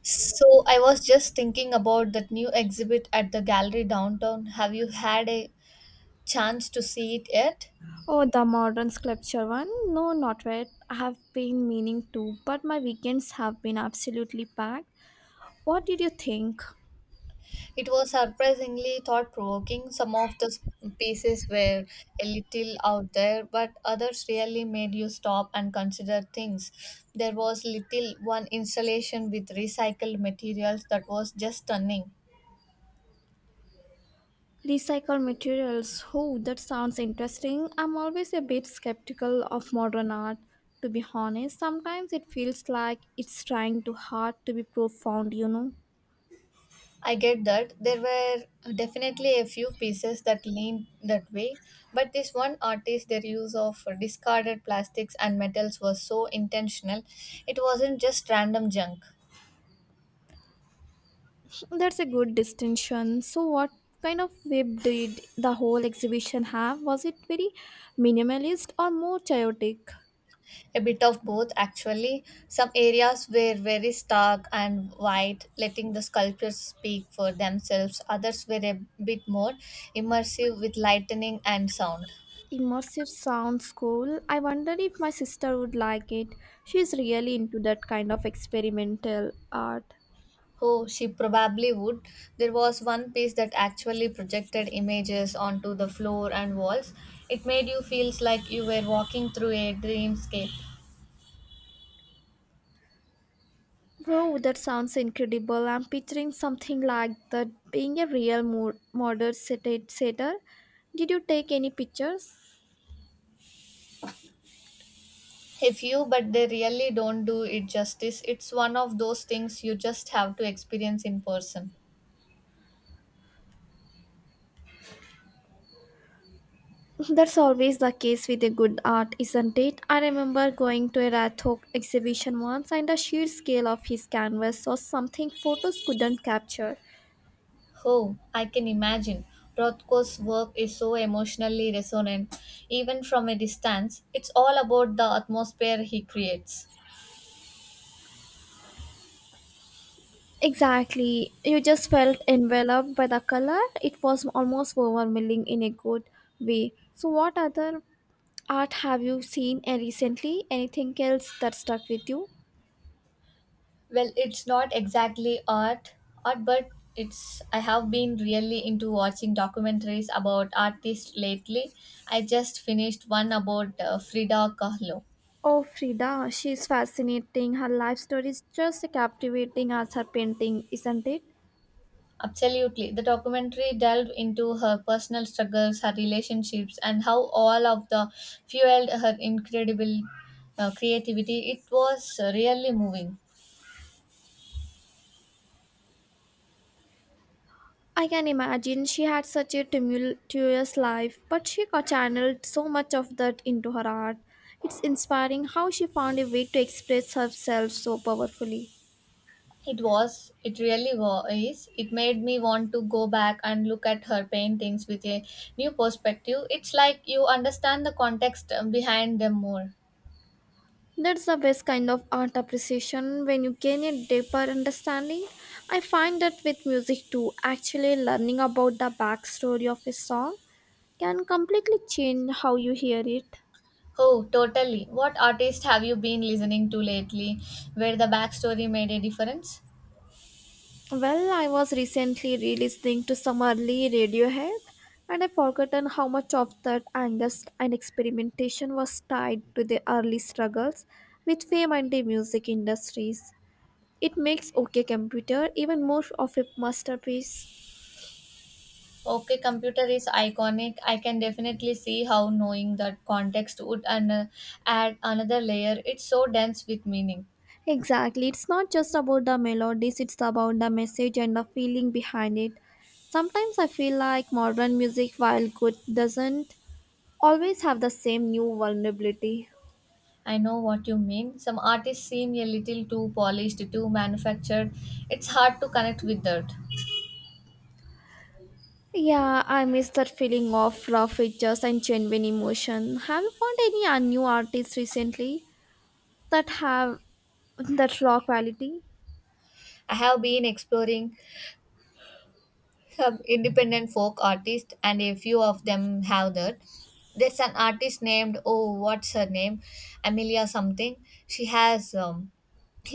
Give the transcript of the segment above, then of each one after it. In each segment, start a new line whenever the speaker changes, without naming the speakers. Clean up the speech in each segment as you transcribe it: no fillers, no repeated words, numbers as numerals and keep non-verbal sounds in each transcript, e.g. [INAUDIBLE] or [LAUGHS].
So I was just thinking about that new exhibit at the gallery downtown. Have you had a chance to see it yet?
Oh, the modern sculpture one? No, not yet. I have been meaning to, but my weekends have been absolutely packed. What did you think?
It was surprisingly thought provoking. Some of the s- Pieces were a little out there, but others really made you stop and consider things. There was little one installation with recycled materials that was just stunning.
Recycled materials. Oh, that sounds interesting. I'm always a bit skeptical of modern art. To be honest, sometimes it feels like it's trying too hard to be profound,
I get that. There were definitely a few pieces that leaned that way, but this one artist, their use of discarded plastics and metals was so intentional. It wasn't just random junk.
That's a good distinction. So, what kind of vibe did the whole exhibition have? Was it very minimalist or more chaotic?
A bit of both, actually. Some areas were very stark and white, letting the sculptures speak for themselves. Others were a bit more immersive with lightning and sound.
Immersive sounds cool. I wonder if my sister would like it. She's really into that kind of experimental art.
Oh, she probably would. There was one piece that actually projected images onto the floor and walls. It made you feel like you were walking through a dreamscape.
Wow, that sounds incredible. I'm picturing something like that being a real modern setter. Did you take any pictures?
A few, but they really don't do it justice. It's one of those things you just have to experience in person.
[LAUGHS] That's always the case with a good art, isn't it? I remember going to a Rathok exhibition once and the sheer scale of his canvas was something photos couldn't capture.
Oh, I can imagine. Rothko's work is so emotionally resonant. Even from a distance, it's all about the atmosphere he creates.
Exactly. You just felt enveloped by the color. It was almost overwhelming in a good way. So, what other art have you seen recently? Anything else that stuck with you?
Well, it's not exactly art, art, but it's. I have been really into watching documentaries about artists lately. I just finished one about Frida Kahlo.
Oh, Frida, she's fascinating. Her life story is just captivating as her painting, isn't it?
Absolutely, the documentary delved into her personal struggles, her relationships, and how all of the fueled her incredible creativity. It was really moving.
I can imagine she had such a tumultuous life, but she got channeled so much of that into her art. It's inspiring how she found a way to express herself so powerfully.
It really was. It made me want to go back and look at her paintings with a new perspective. It's like you understand the context behind them more.
That's the best kind of art appreciation when you gain a deeper understanding. I find that with music too, actually learning about the backstory of a song can completely change how you hear it.
Oh, totally. What artist have you been listening to lately where the backstory made a difference?
Well, I was recently re-listening to some early Radiohead and I forgotten how much of that angst and experimentation was tied to the early struggles with fame and the music industries. It makes OK Computer even more of a masterpiece.
Okay, computer is iconic. I can definitely see how knowing that context add another layer. It's so dense with meaning.
Exactly. It's not just about the melodies, it's about the message and the feeling behind it. Sometimes I feel like modern music, while good, doesn't always have the same new vulnerability.
I know what you mean. Some artists seem a little too polished, too manufactured. It's hard to connect with that.
Yeah, I miss that feeling of raw features and genuine emotion. Have you found any new artists recently that have that raw quality?
I have been exploring some independent folk artists, and a few of them have that. There's an artist named, oh, what's her name? Amelia something. She has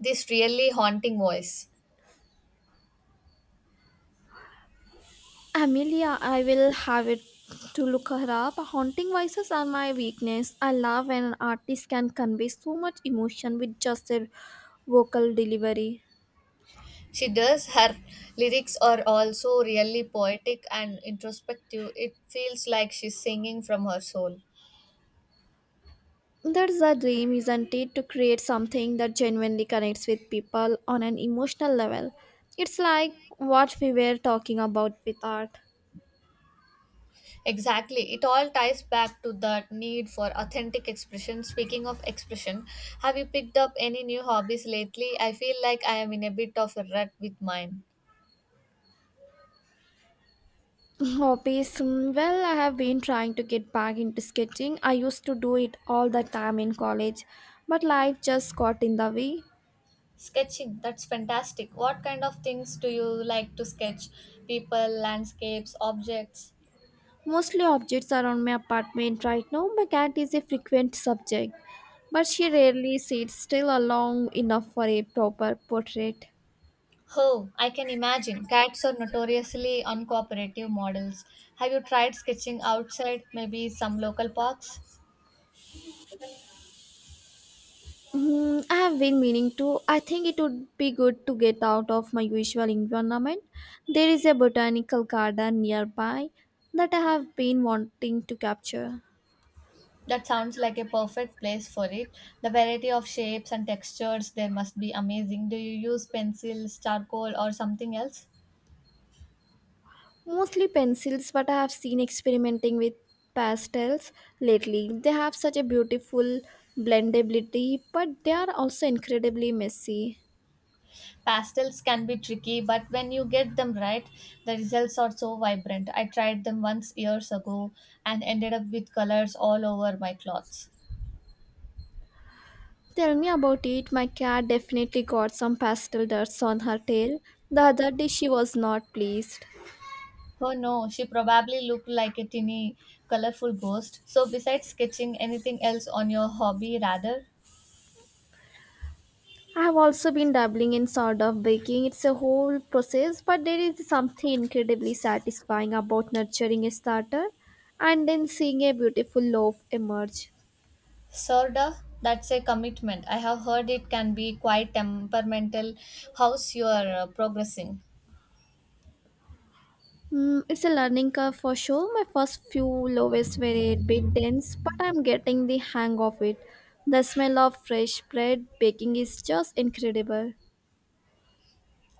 this really haunting voice.
Amelia, I will have it to look her up. Haunting voices are my weakness. I love when an artist can convey so much emotion with just their vocal delivery.
She does. Her lyrics are also really poetic and introspective. It feels like she's singing from her soul.
That's the dream, isn't it? To create something that genuinely connects with people on an emotional level. It's like what we were talking about with art.
Exactly. It all ties back to that need for authentic expression. Speaking of expression, have you picked up any new hobbies lately? I feel like I am in a bit of a rut with mine.
[LAUGHS] Hobbies. Well, I have been trying to get back into sketching. I used to do it all the time in college, but life just got in the way.
Sketching, that's fantastic. What kind of things do you like to sketch? People, landscapes, objects?
Mostly objects around my apartment right now. My cat is a frequent subject, but she rarely sits still long enough for a proper portrait.
Oh, I can imagine. Cats are notoriously uncooperative models. Have you tried sketching outside, maybe some local parks?
Hmm, I have been meaning to. I think it would be good to get out of my usual environment. There is a botanical garden nearby that I have been wanting to capture.
That sounds like a perfect place for it. The variety of shapes and textures there must be amazing. Do you use pencils, charcoal, or something else?
Mostly pencils, but I have seen experimenting with pastels lately. They have such a beautiful blendability, but they are also incredibly messy.
Pastels can be tricky, but when you get them right, the results are so vibrant. I tried them once years ago and ended up with colors all over my clothes.
Tell me about it. My cat definitely got some pastel dust on her tail. The other day, she was not pleased.
Oh no, she probably looked like a tiny, colorful ghost. So, besides sketching, anything else on your hobby, rather?
I have also been dabbling in sort of baking. It's a whole process, but there is something incredibly satisfying about nurturing a starter and then seeing a beautiful loaf emerge.
Sorda, that's a commitment. I have heard it can be quite temperamental. How's your progressing?
Mm, it's a learning curve for sure. My first few loaves were a bit dense, but I'm getting the hang of it. The smell of fresh bread baking is just incredible.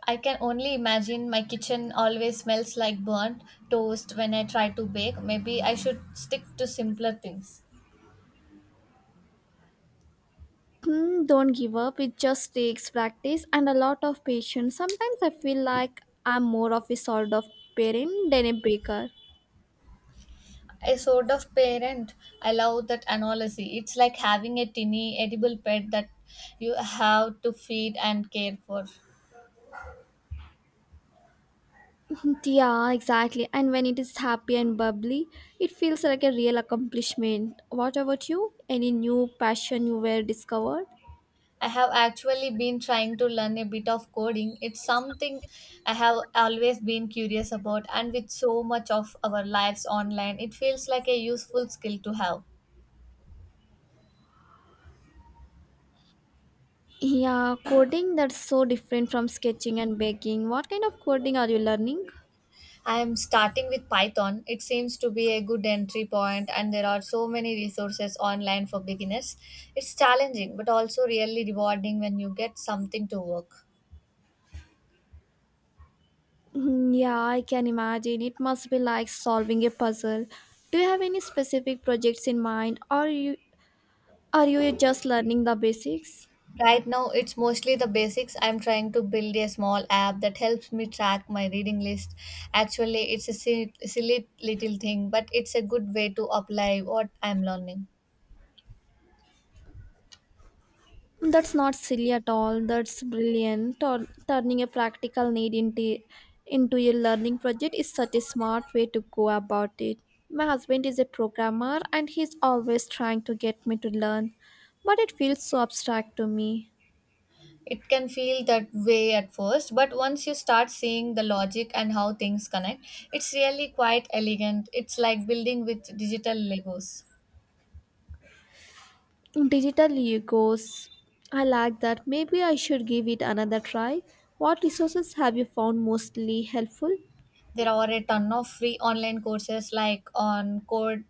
I can only imagine my kitchen always smells like burnt toast when I try to bake. Maybe I should stick to simpler things.
Mm, don't give up, it just takes practice and a lot of patience. Sometimes I feel like I'm more of a sort of parent than a baker.
A sort of parent, I love that analogy. It's like having a tiny edible pet that you have to feed and care for.
[LAUGHS] Yeah, exactly. And when it is happy and bubbly, it feels like a real accomplishment. What about you? Any new passion you were discovered?
I have actually been trying to learn a bit of coding. It's something I have always been curious about, and with so much of our lives online, it feels like a useful skill to have.
Yeah, coding that's so different from sketching and baking. What kind of coding are you learning?
I am starting with Python. It seems to be a good entry point, and there are so many resources online for beginners. It's challenging, but also really rewarding when you get something to work.
Mm, yeah, I can imagine. It must be like solving a puzzle. Do you have any specific projects in mind or you just learning the basics?
Right now, it's mostly the basics. I'm trying to build a small app that helps me track my reading list. Actually, it's a silly little thing, but it's a good way to apply what I'm learning.
That's not silly at all. That's brilliant. Turning a practical need into a learning project is such a smart way to go about it. My husband is a programmer and he's always trying to get me to learn, but it feels so abstract to me.
It can feel that way at first, but once you start seeing the logic and how things connect, it's really quite elegant. It's like building with digital Legos.
Digital egos. I like that. Maybe I should give it another try. What resources have you found mostly helpful?
There are a ton of free online courses like on Code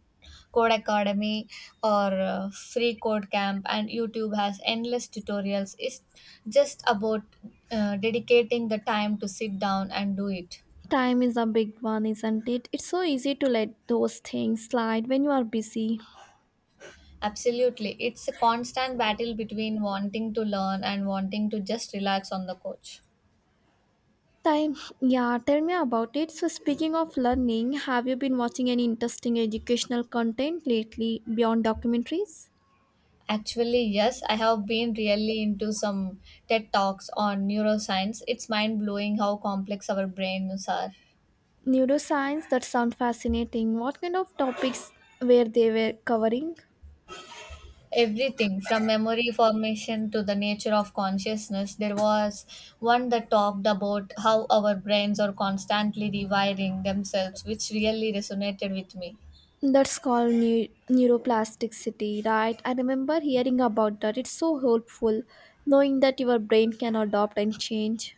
Code Academy or Free Code Camp, and YouTube has endless tutorials. It's just about dedicating the time to sit down and do it.
Time is a big one, isn't it? It's so easy to let those things slide when you are busy.
Absolutely, it's a constant battle between wanting to learn and wanting to just relax on the couch.
Time, yeah, tell me about it. So, speaking of learning, have you been watching any interesting educational content lately beyond documentaries?
Actually, yes, I have been really into some TED Talks on neuroscience. It's mind blowing how complex our brains are.
Neuroscience, that sound fascinating. What kind of topics were they were covering?
Everything from memory formation to the nature of consciousness. There was one that talked about how our brains are constantly rewiring themselves, which really resonated with me.
That's called neuroplasticity, right? I remember hearing about that. It's so helpful knowing that your brain can adopt and change.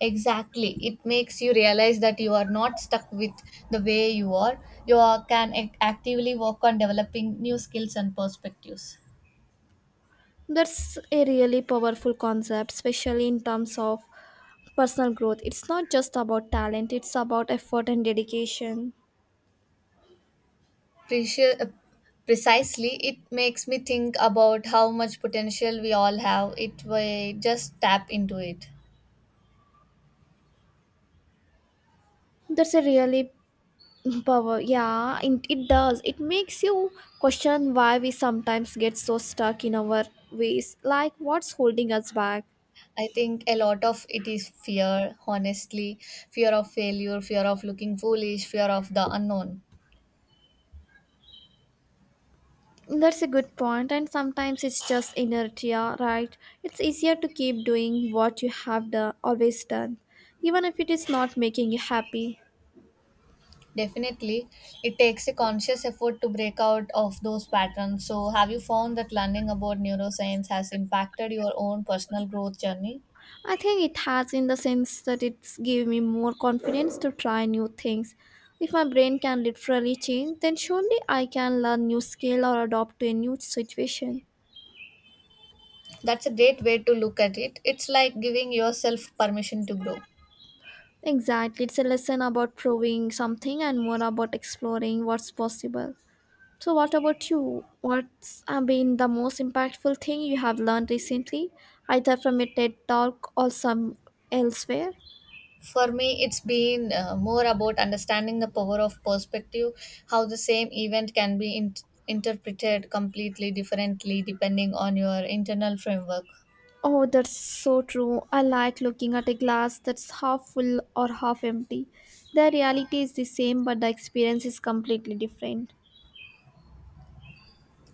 Exactly, it makes you realize that you are not stuck with the way you are, actively work on developing new skills and perspectives.
That's a really powerful concept, especially in terms of personal growth. It's not just about talent, it's about effort and dedication.
Preci- uh, precisely, it makes me think about how much potential we all have it we just tap into it.
That's a really power, yeah, it does. It makes you question why we sometimes get so stuck in our ways, like what's holding us back.
I think a lot of it is fear, honestly, fear of failure, fear of looking foolish, fear of the unknown.
That's a good point, and sometimes it's just inertia, right? It's easier to keep doing what you have done always done, even if it is not making you happy.
Definitely, it takes a conscious effort to break out of those patterns. So, have you found that learning about neuroscience has impacted your own personal growth journey?
I think it has, in the sense that it's give me more confidence to try new things. If my brain can literally change, then surely I can learn new skill or adopt to a new situation.
That's a great way to look at it. It's like giving yourself permission to grow.
Exactly, it's a lesson about proving something and more about exploring what's possible. So what about you? What's been the most impactful thing you have learned recently, either from a TED talk or some elsewhere?
For me, it's been more about understanding the power of perspective, how the same event can be interpreted completely differently depending on your internal framework.
Oh, that's so true. I like looking at a glass that's half full or half empty. The reality is the same, but the experience is completely different.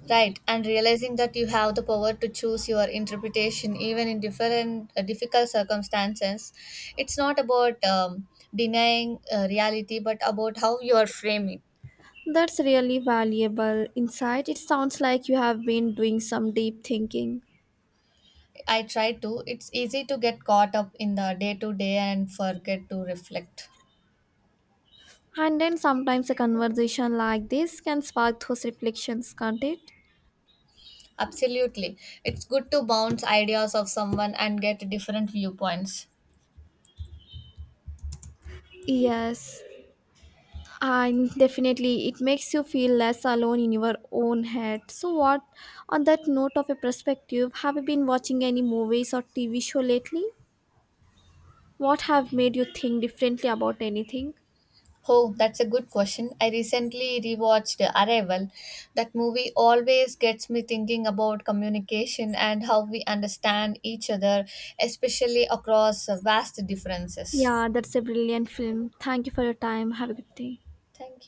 Right, and realizing that you have the power to choose your interpretation even in different difficult circumstances. It's not about denying reality, but about how you are framing.
That's really valuable insight. It sounds like you have been doing some deep thinking.
I try to. It's easy to get caught up in the day to day and forget to reflect.
And then sometimes a conversation like this can spark those reflections, can't it?
Absolutely. It's good to bounce ideas of someone and get different viewpoints.
Yes. And definitely it makes you feel less alone in your own head. So what, on that note of a perspective, have you been watching any movies or TV show lately, what have made you think differently about anything?
Oh, that's a good question. I recently rewatched Arrival. That movie always gets me thinking about communication and how we understand each other, especially across vast differences.
Yeah, that's a brilliant film. Thank you for your time, have a good day.
Thank you.